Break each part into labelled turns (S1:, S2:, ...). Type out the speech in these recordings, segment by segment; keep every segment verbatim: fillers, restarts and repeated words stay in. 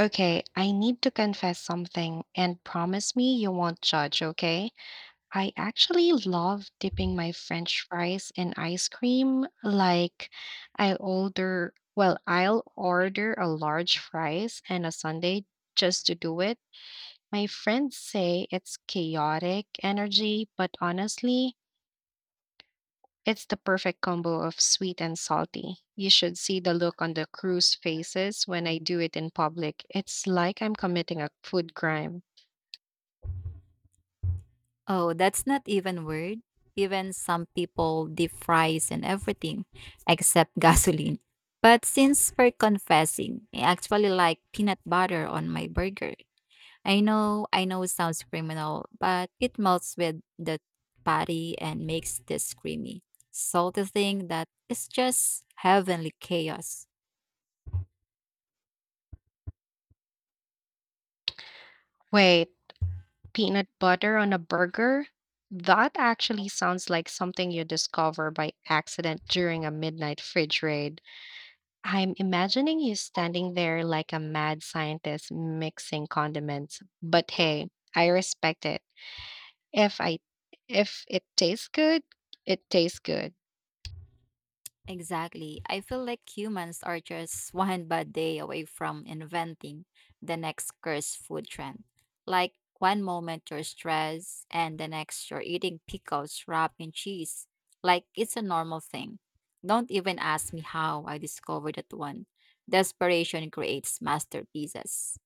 S1: Okay, I need to confess something and promise me you won't judge, okay? I actually love dipping my french fries in ice cream. Like I order, well, I'll order a large fries and a sundae just to do it. My friends say it's chaotic energy, but honestly, it's the perfect combo of sweet and salty. You should see the look on the crew's faces when I do it in public. It's like I'm committing a food crime.
S2: Oh, that's not even word. Even some people deep fries and everything except gasoline. But since we're confessing, I actually like peanut butter on my burger. I know, I know it sounds criminal, but it melts with the patty and makes this creamy, salty thing that is just heavenly chaos.
S1: Wait, peanut butter on a burger? That actually sounds like something you discover by accident during a midnight fridge raid. I'm imagining you standing there like a mad scientist mixing condiments. But hey, I respect it. If I if it tastes good, it tastes good.
S2: Exactly. I feel like humans are just one bad day away from inventing the next cursed food trend. Like one moment you're stressed and the next you're eating pickles wrapped in cheese. Like it's a normal thing. Don't even ask me how I discovered that one. Desperation creates masterpieces.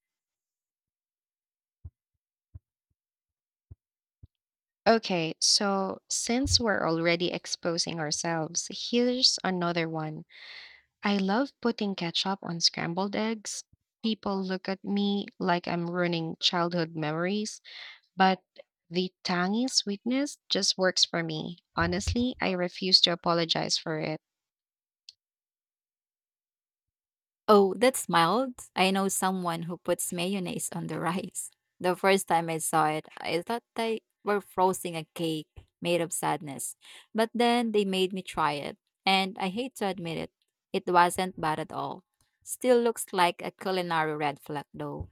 S1: Okay, so since we're already exposing ourselves, here's another one. I love putting ketchup on scrambled eggs. People look at me like I'm ruining childhood memories, but the tangy sweetness just works for me. Honestly, I refuse to apologize for it.
S2: Oh, that's mild. I know someone who puts mayonnaise on the rice. The first time I saw it, I thought they were frosting a cake made of sadness. But then they made me try it, and I hate to admit it, it wasn't bad at all. Still looks like a culinary red flag though.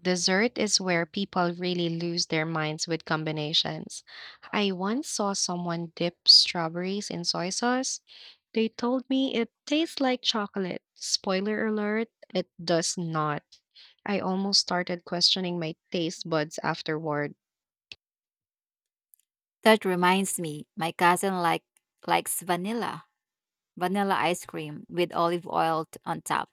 S1: Dessert is where people really lose their minds with combinations. I once saw someone dip strawberries in soy sauce. They told me it tastes like chocolate. Spoiler alert, it does not. I almost started questioning my taste buds afterward.
S2: That reminds me, my cousin like likes vanilla, vanilla ice cream with olive oil t- on top.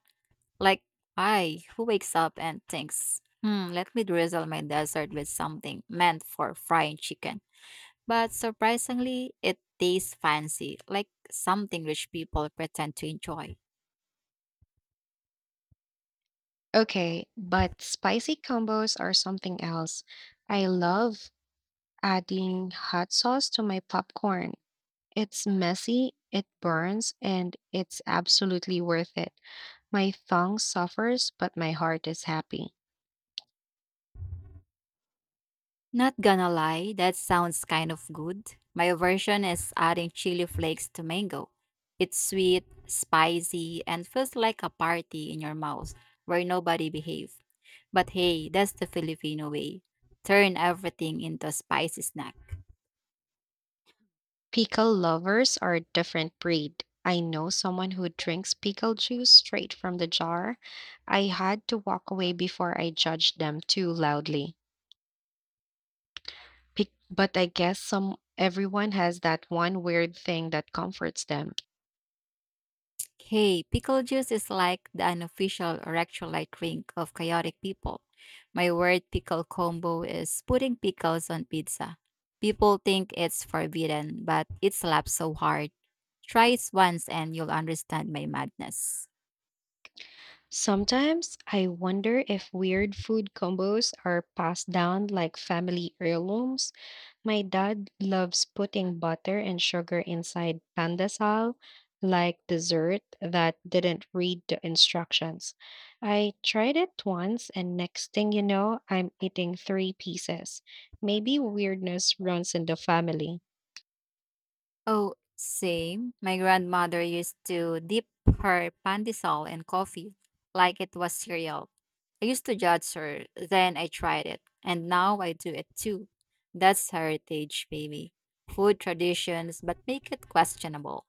S2: Like, I, who wakes up and thinks, hmm, let me drizzle my dessert with something meant for frying chicken. But surprisingly, it tastes fancy, like something rich people pretend to enjoy.
S1: Okay, but spicy combos are something else. I love adding hot sauce to my popcorn. It's messy, it burns, and it's absolutely worth it. My tongue suffers, but my heart is happy.
S2: Not gonna lie, that sounds kind of good. My version is adding chili flakes to mango. It's sweet, spicy, and feels like a party in your mouth where nobody behaves. But hey, that's the Filipino way. Turn everything into a spicy snack.
S1: Pickle lovers are a different breed. I know someone who drinks pickle juice straight from the jar. I had to walk away before I judged them too loudly. Pic- but I guess some everyone has that one weird thing that comforts them.
S2: Hey, pickle juice is like the unofficial electrolyte drink of chaotic people. My word pickle combo is putting pickles on pizza. People think it's forbidden, but it slaps so hard. Try it once and you'll understand my madness.
S1: Sometimes I wonder if weird food combos are passed down like family heirlooms. My dad loves putting butter and sugar inside pandesal, like dessert that didn't read the instructions. I tried it once, and next thing you know, I'm eating three pieces. Maybe weirdness runs in the family.
S2: Oh, same. My grandmother used to dip her pandesal in coffee like it was cereal. I used to judge her, then I tried it, and now I do it too. That's heritage, baby. Food traditions, but make it questionable.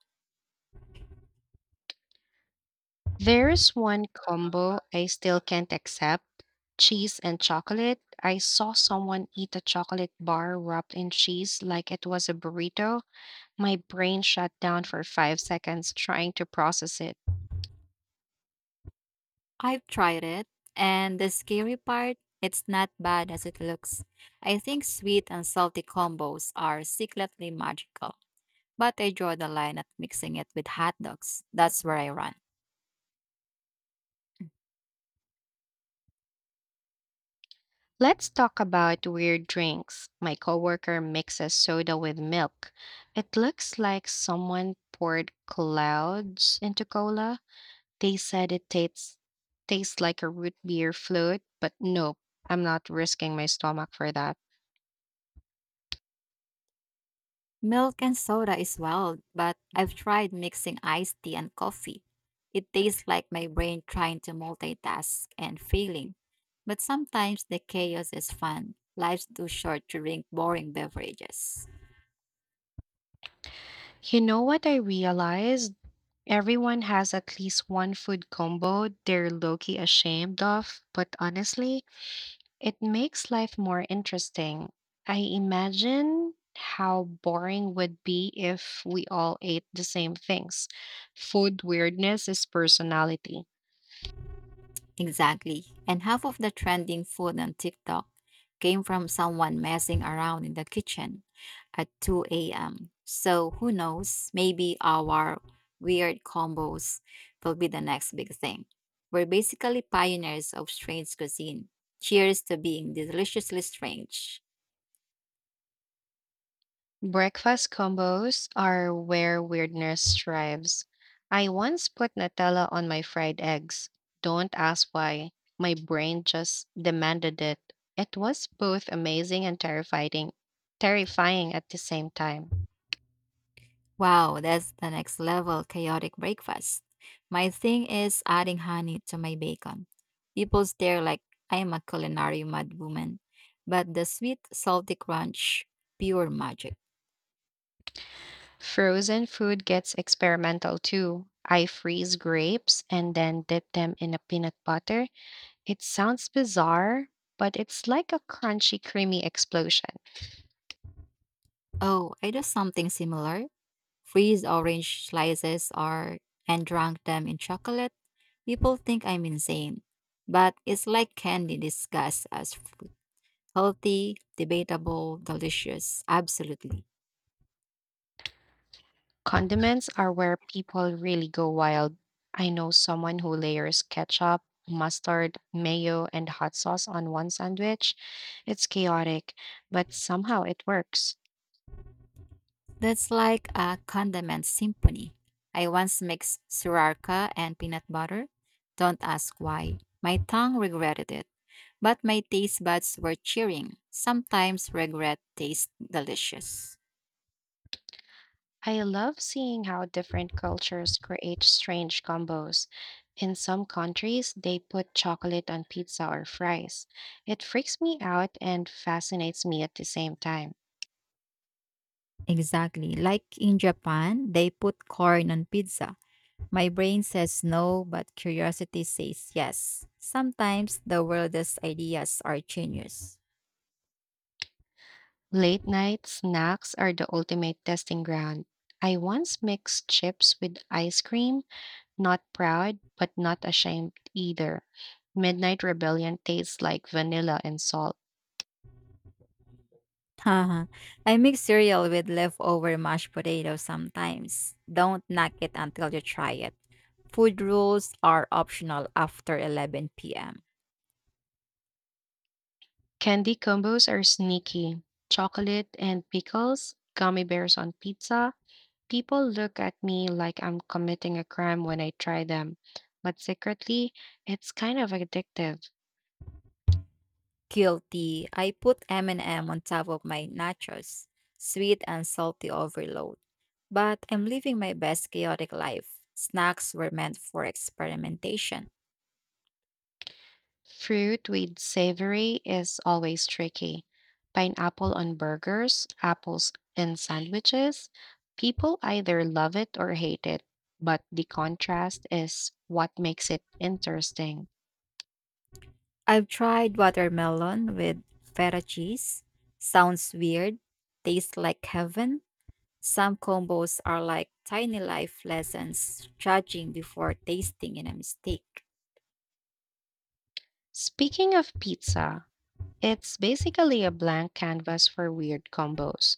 S1: There's one combo I still can't accept: cheese and chocolate. I saw someone eat a chocolate bar wrapped in cheese like it was a burrito. My brain shut down for five seconds trying to process it.
S2: I've tried it, and the scary part, it's not bad as it looks. I think sweet and salty combos are secretly magical, but I draw the line at mixing it with hot dogs. That's where I run.
S1: Let's talk about weird drinks. My coworker mixes soda with milk. It looks like someone poured clouds into cola. They said it tastes tastes like a root beer float, but nope, I'm not risking my stomach for that.
S2: Milk and soda is wild, but I've tried mixing iced tea and coffee. It tastes like my brain trying to multitask and failing. But sometimes the chaos is fun. Life's too short to drink boring beverages.
S1: You know what I realized? Everyone has at least one food combo they're low-key ashamed of, but honestly, it makes life more interesting. I imagine how boring would be if we all ate the same things. Food weirdness is personality.
S2: Exactly. And half of the trending food on TikTok came from someone messing around in the kitchen at two a m. So who knows? Maybe our weird combos will be the next big thing. We're basically pioneers of strange cuisine. Cheers to being deliciously strange.
S1: Breakfast combos are where weirdness thrives. I once put Nutella on my fried eggs. Don't ask why. My brain just demanded it. It was both amazing and terrifying, terrifying at the same time.
S2: Wow, that's the next level chaotic breakfast. My thing is adding honey to my bacon. People stare like I am a culinary madwoman, but the sweet, salty crunch, pure magic.
S1: Frozen food gets experimental too. I freeze grapes and then dip them in a peanut butter. It sounds bizarre, but it's like a crunchy, creamy explosion.
S2: Oh, I do something similar. Freeze orange slices or and dunk them in chocolate. People think I'm insane, but it's like candy disguised as fruit. Healthy, debatable, delicious, absolutely.
S1: Condiments are where people really go wild. I know someone who layers ketchup, mustard, mayo, and hot sauce on one sandwich. It's chaotic, but somehow it works.
S2: That's like a condiment symphony. I once mixed sriracha and peanut butter. Don't ask why. My tongue regretted it, but my taste buds were cheering. Sometimes regret tastes delicious.
S1: I love seeing how different cultures create strange combos. In some countries, they put chocolate on pizza or fries. It freaks me out and fascinates me at the same time.
S2: Exactly. Like in Japan, they put corn on pizza. My brain says no, but curiosity says yes. Sometimes the weirdest ideas are genius.
S1: Late night snacks are the ultimate testing ground. I once mixed chips with ice cream, not proud, but not ashamed either. Midnight rebellion tastes like vanilla and salt.
S2: Haha. I mix cereal with leftover mashed potatoes sometimes. Don't knock it until you try it. Food rules are optional after eleven p m.
S1: Candy combos are sneaky. Chocolate and pickles, gummy bears on pizza. People look at me like I'm committing a crime when I try them, but secretly, it's kind of addictive.
S2: Guilty. I put M and M on top of my nachos. Sweet and salty overload. But I'm living my best chaotic life. Snacks were meant for experimentation.
S1: Fruit with savory is always tricky. Pineapple on burgers, apples in sandwiches. People either love it or hate it, but the contrast is what makes it interesting.
S2: I've tried watermelon with feta cheese. Sounds weird. Tastes like heaven. Some combos are like tiny life lessons, judging before tasting in a mistake.
S1: Speaking of pizza, it's basically a blank canvas for weird combos.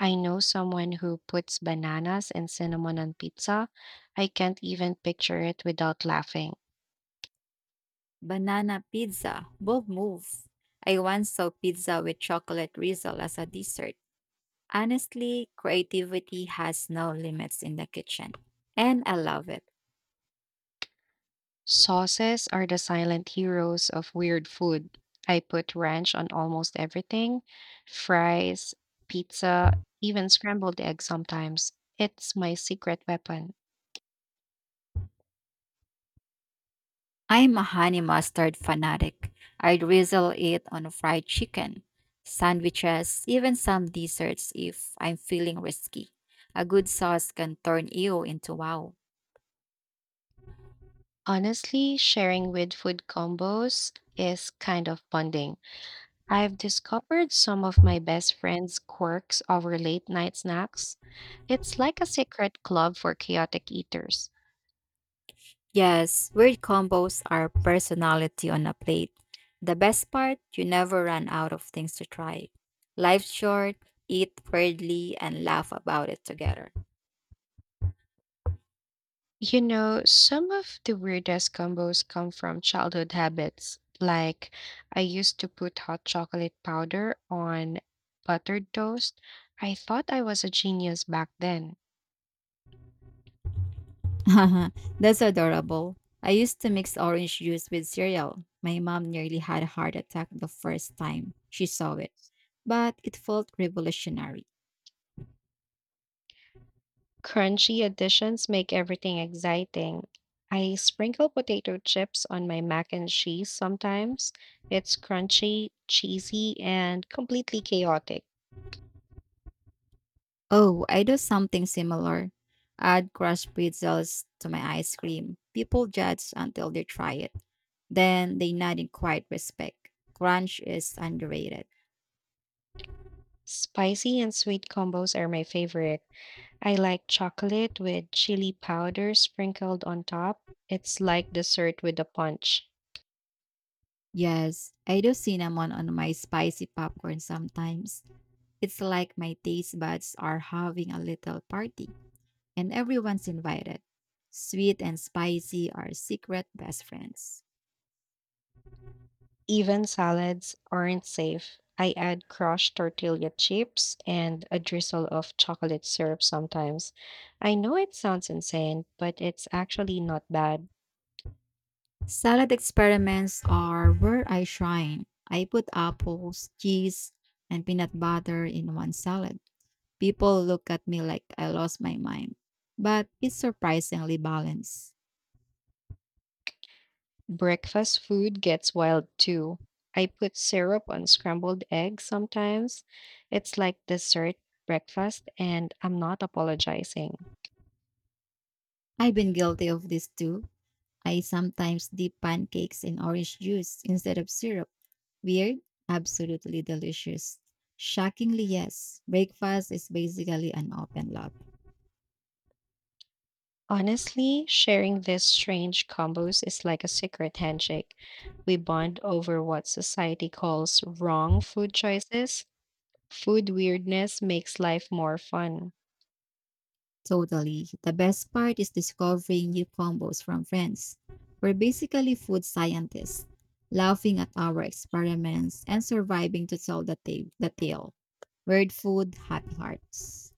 S1: I know someone who puts bananas and cinnamon on pizza. I can't even picture it without laughing.
S2: Banana pizza, bold move. I once saw pizza with chocolate drizzle as a dessert. Honestly, creativity has no limits in the kitchen. And I love it.
S1: Sauces are the silent heroes of weird food. I put ranch on almost everything: fries, pizza, even scrambled eggs sometimes. It's my secret weapon.
S2: I'm a honey mustard fanatic. I drizzle it on fried chicken, sandwiches, even some desserts if I'm feeling risky. A good sauce can turn you into wow.
S1: Honestly, sharing with food combos is kind of bonding. I've discovered some of my best friends' quirks over late night snacks. It's like a secret club for chaotic eaters.
S2: Yes, weird combos are personality on a plate. The best part, you never run out of things to try. Life's short, eat weirdly, and laugh about it together.
S1: You know, some of the weirdest combos come from childhood habits. Like, I used to put hot chocolate powder on buttered toast. I thought I was a genius back then.
S2: That's adorable. I used to mix orange juice with cereal. My mom nearly had a heart attack the first time she saw it, but it felt revolutionary.
S1: Crunchy additions make everything exciting. I sprinkle potato chips on my mac and cheese sometimes. It's crunchy, cheesy, and completely chaotic.
S2: Oh, I do something similar. Add crushed pretzels to my ice cream. People judge until they try it. Then they nod in quiet respect. Crunch is underrated.
S1: Spicy and sweet combos are my favorite. I like chocolate with chili powder sprinkled on top. It's like dessert with a punch.
S2: Yes, I do cinnamon on my spicy popcorn sometimes. It's like my taste buds are having a little party, and everyone's invited. Sweet and spicy are secret best friends.
S1: Even salads aren't safe. I add crushed tortilla chips and a drizzle of chocolate syrup sometimes. I know it sounds insane, but it's actually not bad.
S2: Salad experiments are where I shine. I put apples, cheese, and peanut butter in one salad. People look at me like I lost my mind, but it's surprisingly balanced.
S1: Breakfast food gets wild too. I put syrup on scrambled eggs sometimes. It's like dessert breakfast, and I'm not apologizing.
S2: I've been guilty of this too. I sometimes dip pancakes in orange juice instead of syrup. Weird? Absolutely delicious. Shockingly, yes. Breakfast is basically an open lab.
S1: Honestly, sharing these strange combos is like a secret handshake. We bond over what society calls wrong food choices. Food weirdness makes life more fun.
S2: Totally. The best part is discovering new combos from friends. We're basically food scientists, laughing at our experiments and surviving to tell the, ta- the tale. Weird food, hot hearts.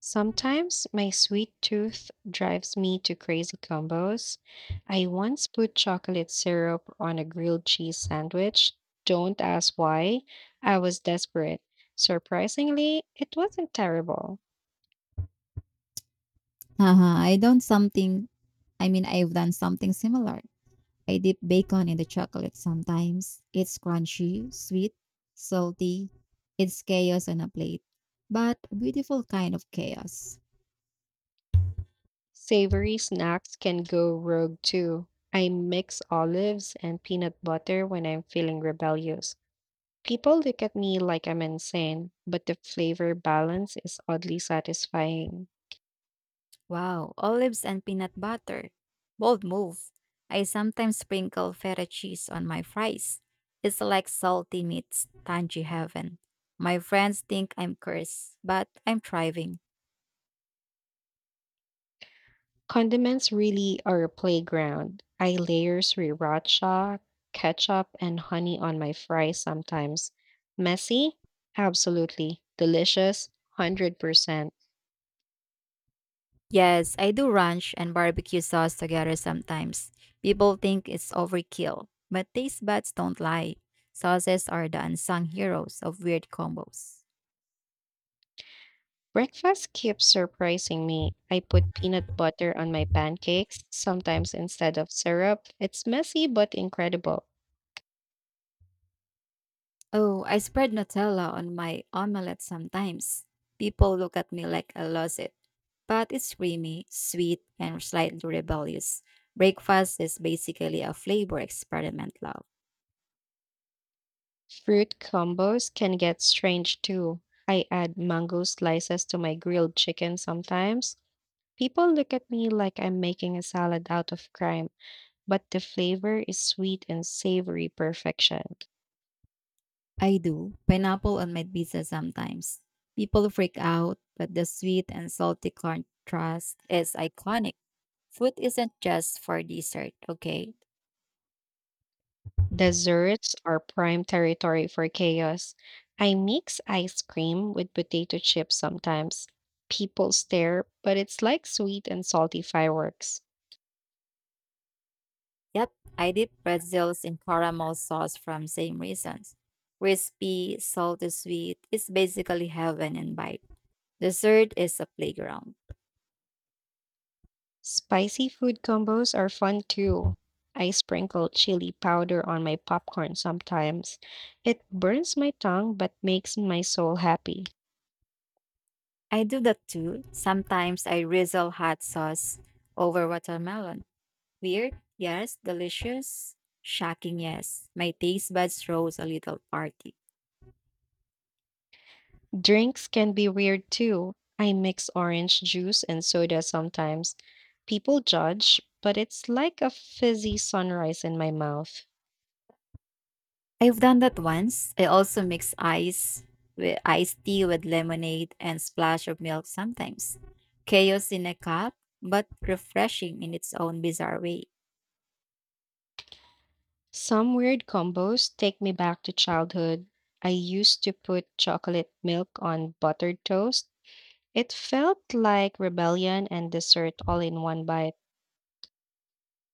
S1: Sometimes my sweet tooth drives me to crazy combos. I once put chocolate syrup on a grilled cheese sandwich. Don't ask why. I was desperate. Surprisingly, it wasn't terrible.
S2: Haha, I don't something, I mean, I've done something similar. I dip bacon in the chocolate sometimes. It's crunchy, sweet, salty. It's chaos on a plate, but a beautiful kind of chaos.
S1: Savory snacks can go rogue too. I mix olives and peanut butter when I'm feeling rebellious. People look at me like I'm insane, but the flavor balance is oddly satisfying.
S2: Wow, olives and peanut butter. Bold move. I sometimes sprinkle feta cheese on my fries. It's like salty meets tangy heaven. My friends think I'm cursed, but I'm thriving.
S1: Condiments really are a playground. I layer sriracha, ketchup, and honey on my fries sometimes. Messy? Absolutely. Delicious? one hundred percent.
S2: Yes, I do ranch and barbecue sauce together sometimes. People think it's overkill, but taste buds don't lie. Sauces are the unsung heroes of weird combos.
S1: Breakfast keeps surprising me. I put peanut butter on my pancakes, sometimes instead of syrup. It's messy but incredible.
S2: Oh, I spread Nutella on my omelette sometimes. People look at me like I lost it. But it's creamy, sweet, and slightly rebellious. Breakfast is basically a flavor experiment, love.
S1: Fruit combos can get strange too. I add mango slices to my grilled chicken sometimes. People look at me like I'm making a salad out of crime, but the flavor is sweet and savory perfection.
S2: I do. Pineapple on my pizza sometimes. People freak out, but the sweet and salty contrast is iconic. Food isn't just for dessert, okay?
S1: Desserts are prime territory for chaos. I mix ice cream with potato chips sometimes. People stare, but it's like sweet and salty fireworks.
S2: Yep, I dip pretzels in caramel sauce from same reasons. Crispy, salty, sweet. It's basically heaven in bite. Dessert is a playground.
S1: Spicy food combos are fun too. I sprinkle chili powder on my popcorn sometimes. It burns my tongue but makes my soul happy.
S2: I do that too. Sometimes I drizzle hot sauce over watermelon. Weird, yes. Delicious, shocking, yes. My taste buds throws a little party.
S1: Drinks can be weird too. I mix orange juice and soda sometimes. People judge, but it's like a fizzy sunrise in my mouth.
S2: I've done that once. I also mix ice with iced tea with lemonade and splash of milk sometimes. Chaos in a cup, but refreshing in its own bizarre way.
S1: Some weird combos take me back to childhood. I used to put chocolate milk on buttered toast. It felt like rebellion and dessert all in one bite.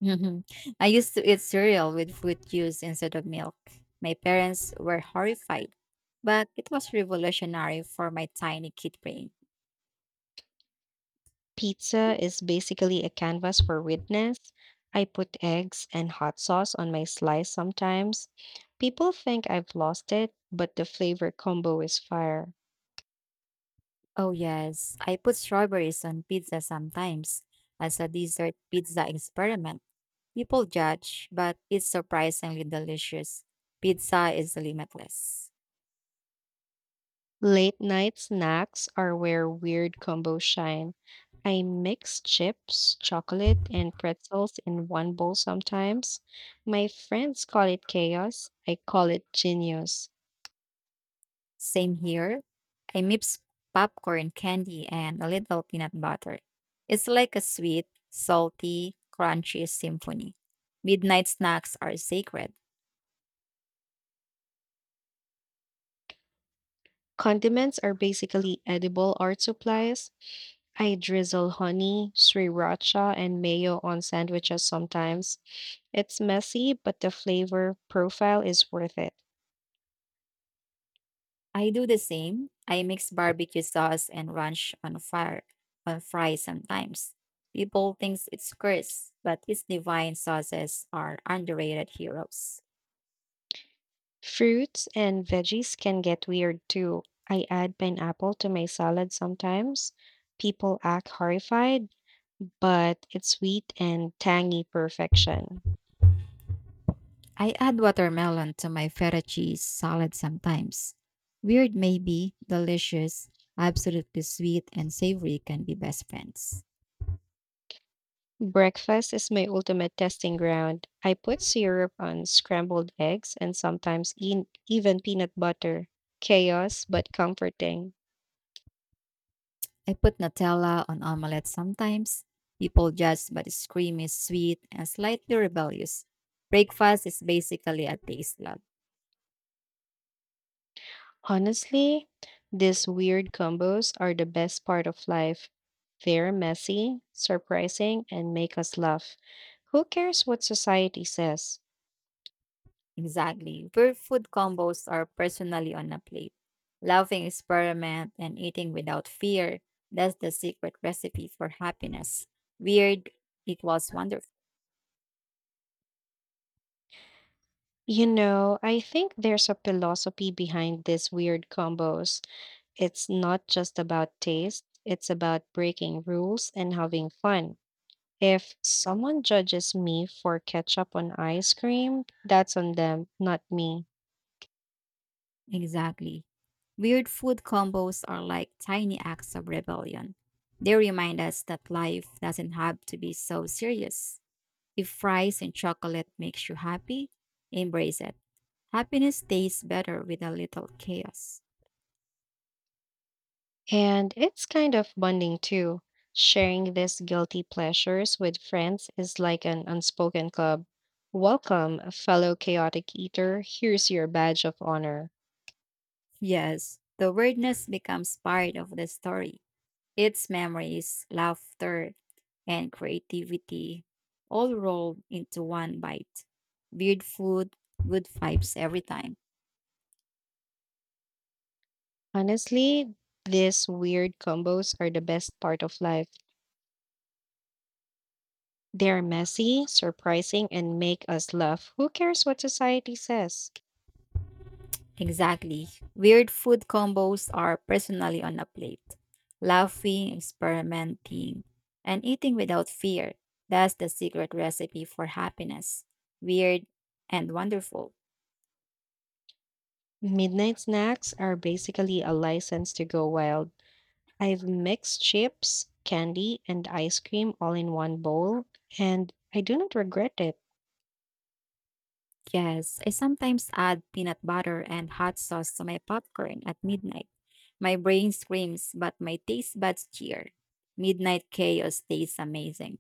S2: Mhm. I used to eat cereal with fruit juice instead of milk. My parents were horrified, but it was revolutionary for my tiny kid brain.
S1: Pizza is basically a canvas for witness. I put eggs and hot sauce on my slice sometimes. People think I've lost it, but the flavor combo is fire.
S2: Oh yes, I put strawberries on pizza sometimes as a dessert pizza experiment. People judge, but it's surprisingly delicious. Pizza is limitless.
S1: Late night snacks are where weird combos shine. I mix chips, chocolate, and pretzels in one bowl sometimes. My friends call it chaos. I call it genius.
S2: Same here. I mix popcorn candy and a little peanut butter. It's like a sweet, salty, crunchy symphony. Midnight snacks are sacred.
S1: Condiments are basically edible art supplies. I drizzle honey, sriracha, and mayo on sandwiches sometimes. It's messy, but the flavor profile is worth it.
S2: I do the same. I mix barbecue sauce and ranch on fire on fries sometimes. People think it's curse, but its divine sauces are underrated heroes.
S1: Fruits and veggies can get weird too. I add pineapple to my salad sometimes. People act horrified, but it's sweet and tangy perfection.
S2: I add watermelon to my feta cheese salad sometimes. Weird maybe, delicious, absolutely sweet and savory can be best friends.
S1: Breakfast is my ultimate testing ground. I put syrup on scrambled eggs and sometimes eat even peanut butter. Chaos, but comforting.
S2: I put Nutella on omelette sometimes. People judge, but its cream is sweet and slightly rebellious. Breakfast is basically a taste love.
S1: Honestly, these weird combos are the best part of life. They're messy, surprising, and make us laugh. Who cares what society says?
S2: Exactly. Where food combos are personally on a plate. Laughing experiment and eating without fear. That's the secret recipe for happiness. Weird equals wonderful.
S1: You know, I think there's a philosophy behind these weird combos. It's not just about taste, it's about breaking rules and having fun. If someone judges me for ketchup on ice cream, that's on them, not me.
S2: Exactly. Weird food combos are like tiny acts of rebellion. They remind us that life doesn't have to be so serious. If fries and chocolate makes you happy, embrace it. Happiness tastes better with a little chaos.
S1: And it's kind of bonding too. Sharing these guilty pleasures with friends is like an unspoken club. Welcome, fellow chaotic eater. Here's your badge of honor.
S2: Yes, the weirdness becomes part of the story. Its memories, laughter, and creativity all rolled into one bite. Weird food, good vibes every time.
S1: Honestly, these weird combos are the best part of life. They're messy, surprising, and make us laugh. Who cares what society says?
S2: Exactly. Weird food combos are personally on a plate. Laughing, experimenting, and eating without fear. That's the secret recipe for happiness. Weird and wonderful.
S1: Midnight snacks are basically a license to go wild. I've mixed chips, candy, and ice cream all in one bowl, and I do not regret it.
S2: Yes, I sometimes add peanut butter and hot sauce to my popcorn at midnight. My brain screams, but my taste buds cheer. Midnight chaos tastes amazing.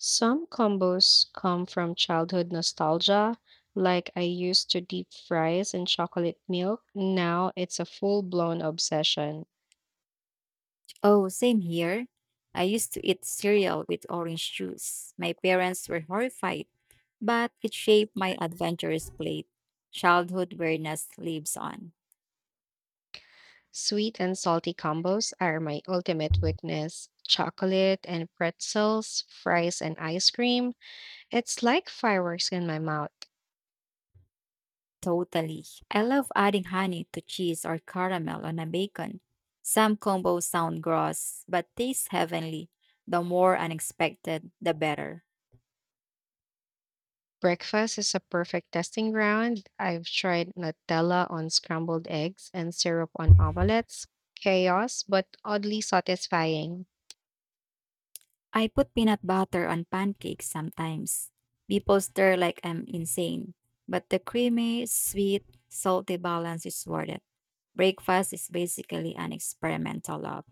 S1: Some combos come from childhood nostalgia, like I used to deep fries and chocolate milk. Now it's a full blown obsession.
S2: Oh, same here. I used to eat cereal with orange juice. My parents were horrified, but it shaped my adventurous plate. Childhood weirdness lives on.
S1: Sweet and salty combos are my ultimate weakness. Chocolate and pretzels, fries and ice cream. It's like fireworks in my mouth.
S2: Totally. I love adding honey to cheese or caramel on a bacon. Some combos sound gross, but taste heavenly. The more unexpected, the better.
S1: Breakfast is a perfect testing ground. I've tried Nutella on scrambled eggs and syrup on omelets. Chaos, but oddly satisfying.
S2: I put peanut butter on pancakes sometimes. People stare like I'm insane, but the creamy, sweet, salty balance is worth it. Breakfast is basically an experimental lab.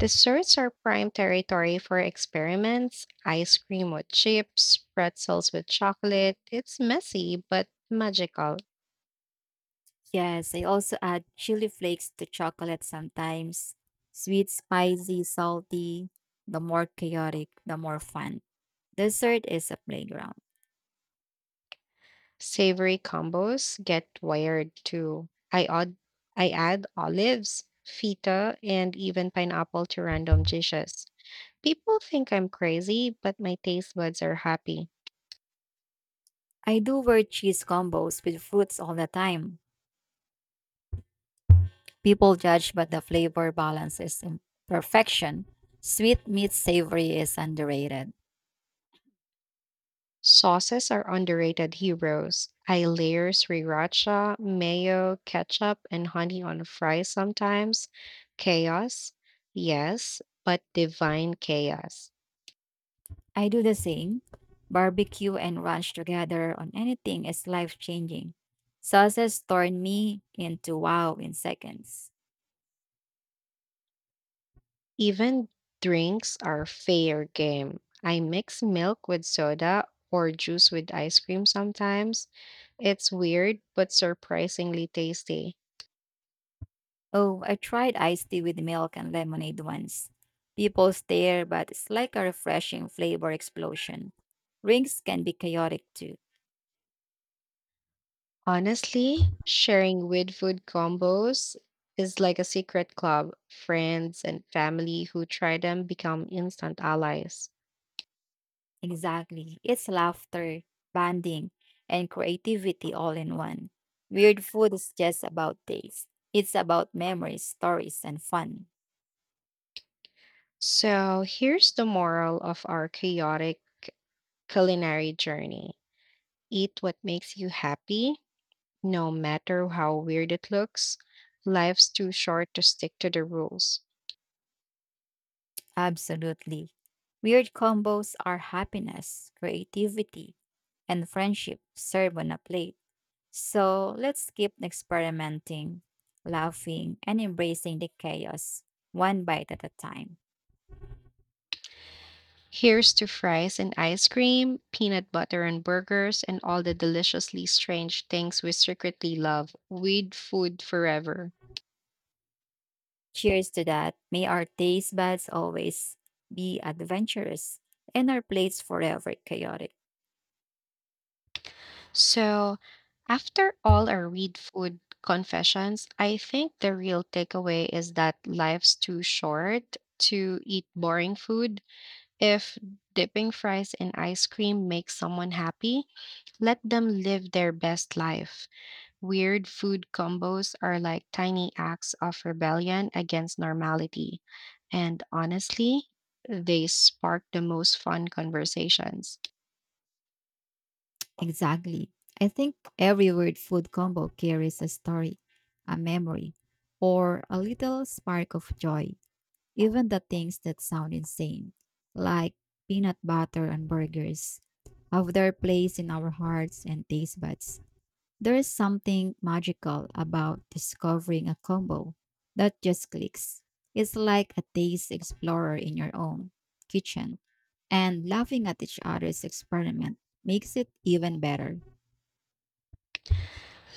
S1: Desserts are prime territory for experiments. Ice cream with chips, pretzels with chocolate. It's messy, but magical.
S2: Yes, I also add chili flakes to chocolate sometimes. Sweet, spicy, salty. The more chaotic, the more fun. Dessert is a playground.
S1: Savory combos get wired too. I odd, I add olives, feta, and even pineapple to random dishes. People think I'm crazy, but my taste buds are happy.
S2: I do wear cheese combos with fruits all the time. People judge, but the flavor balance is in perfection. Sweet meets savory is underrated.
S1: Sauces are underrated heroes. I layer sriracha, mayo, ketchup, and honey on fries sometimes. Chaos, yes, but divine chaos.
S2: I do the same. Barbecue and ranch together on anything is life changing. Sauces turn me into wow in seconds.
S1: Even drinks are fair game. I mix milk with soda or juice with ice cream sometimes. It's weird, but surprisingly tasty.
S2: Oh, I tried iced tea with milk and lemonade once. People stare, but it's like a refreshing flavor explosion. Rings can be chaotic too.
S1: Honestly, sharing with food combos is like a secret club. Friends and family who try them become instant allies.
S2: Exactly. It's laughter, bonding, and creativity all in one. Weird food is just about taste. It's about memories, stories, and fun.
S1: So here's the moral of our chaotic culinary journey: eat what makes you happy, no matter how weird it looks. Life's too short to stick to the rules.
S2: Absolutely. Weird combos are happiness, creativity, and friendship served on a plate. So let's keep experimenting, laughing, and embracing the chaos one bite at a time.
S1: Here's to fries and ice cream, peanut butter and burgers, and all the deliciously strange things we secretly love. Weed food forever.
S2: Cheers to that. May our taste buds always be adventurous and our plates forever chaotic.
S1: So, after all our weed food confessions, I think the real takeaway is that life's too short to eat boring food. If dipping fries in ice cream makes someone happy, let them live their best life. Weird food combos are like tiny acts of rebellion against normality. And honestly, they spark the most fun conversations.
S2: Exactly. I think every weird food combo carries a story, a memory, or a little spark of joy. Even the things that sound insane, like peanut butter and burgers, have their place in our hearts and taste buds. There is something magical about discovering a combo that just clicks. It's like a taste explorer in your own kitchen, and laughing at each other's experiment makes it even better.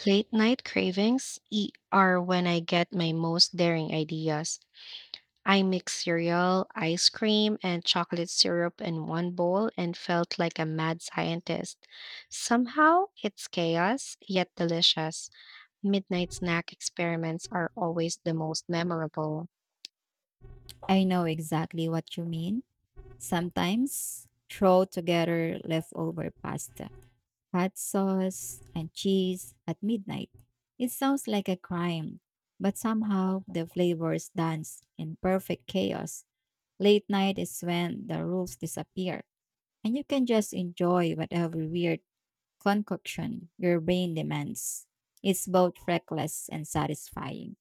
S1: Late night cravings e- are when I get my most daring ideas. I mixed cereal, ice cream, and chocolate syrup in one bowl and felt like a mad scientist. Somehow, it's chaos, yet delicious. Midnight snack experiments are always the most memorable.
S2: I know exactly what you mean. Sometimes throw together leftover pasta, hot sauce, and cheese at midnight. It sounds like a crime, but somehow the flavors dance in perfect chaos. Late night is when the rules disappear and you can just enjoy whatever weird concoction your brain demands. It's both reckless and satisfying.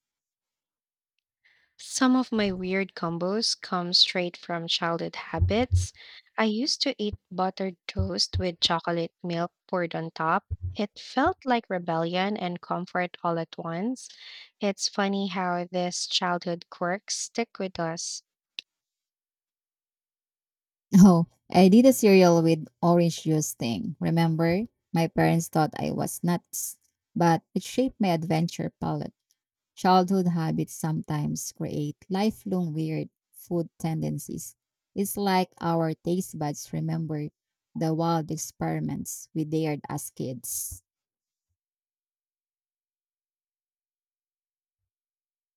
S1: Some of my weird combos come straight from childhood habits. I used to eat buttered toast with chocolate milk poured on top. It felt like rebellion and comfort all at once. It's funny how these childhood quirks stick with us.
S2: Oh, I did a cereal with orange juice thing. Remember? My parents thought I was nuts, but it shaped my adventure palette. Childhood habits sometimes create lifelong weird food tendencies. It's like our taste buds remember the wild experiments we dared as kids.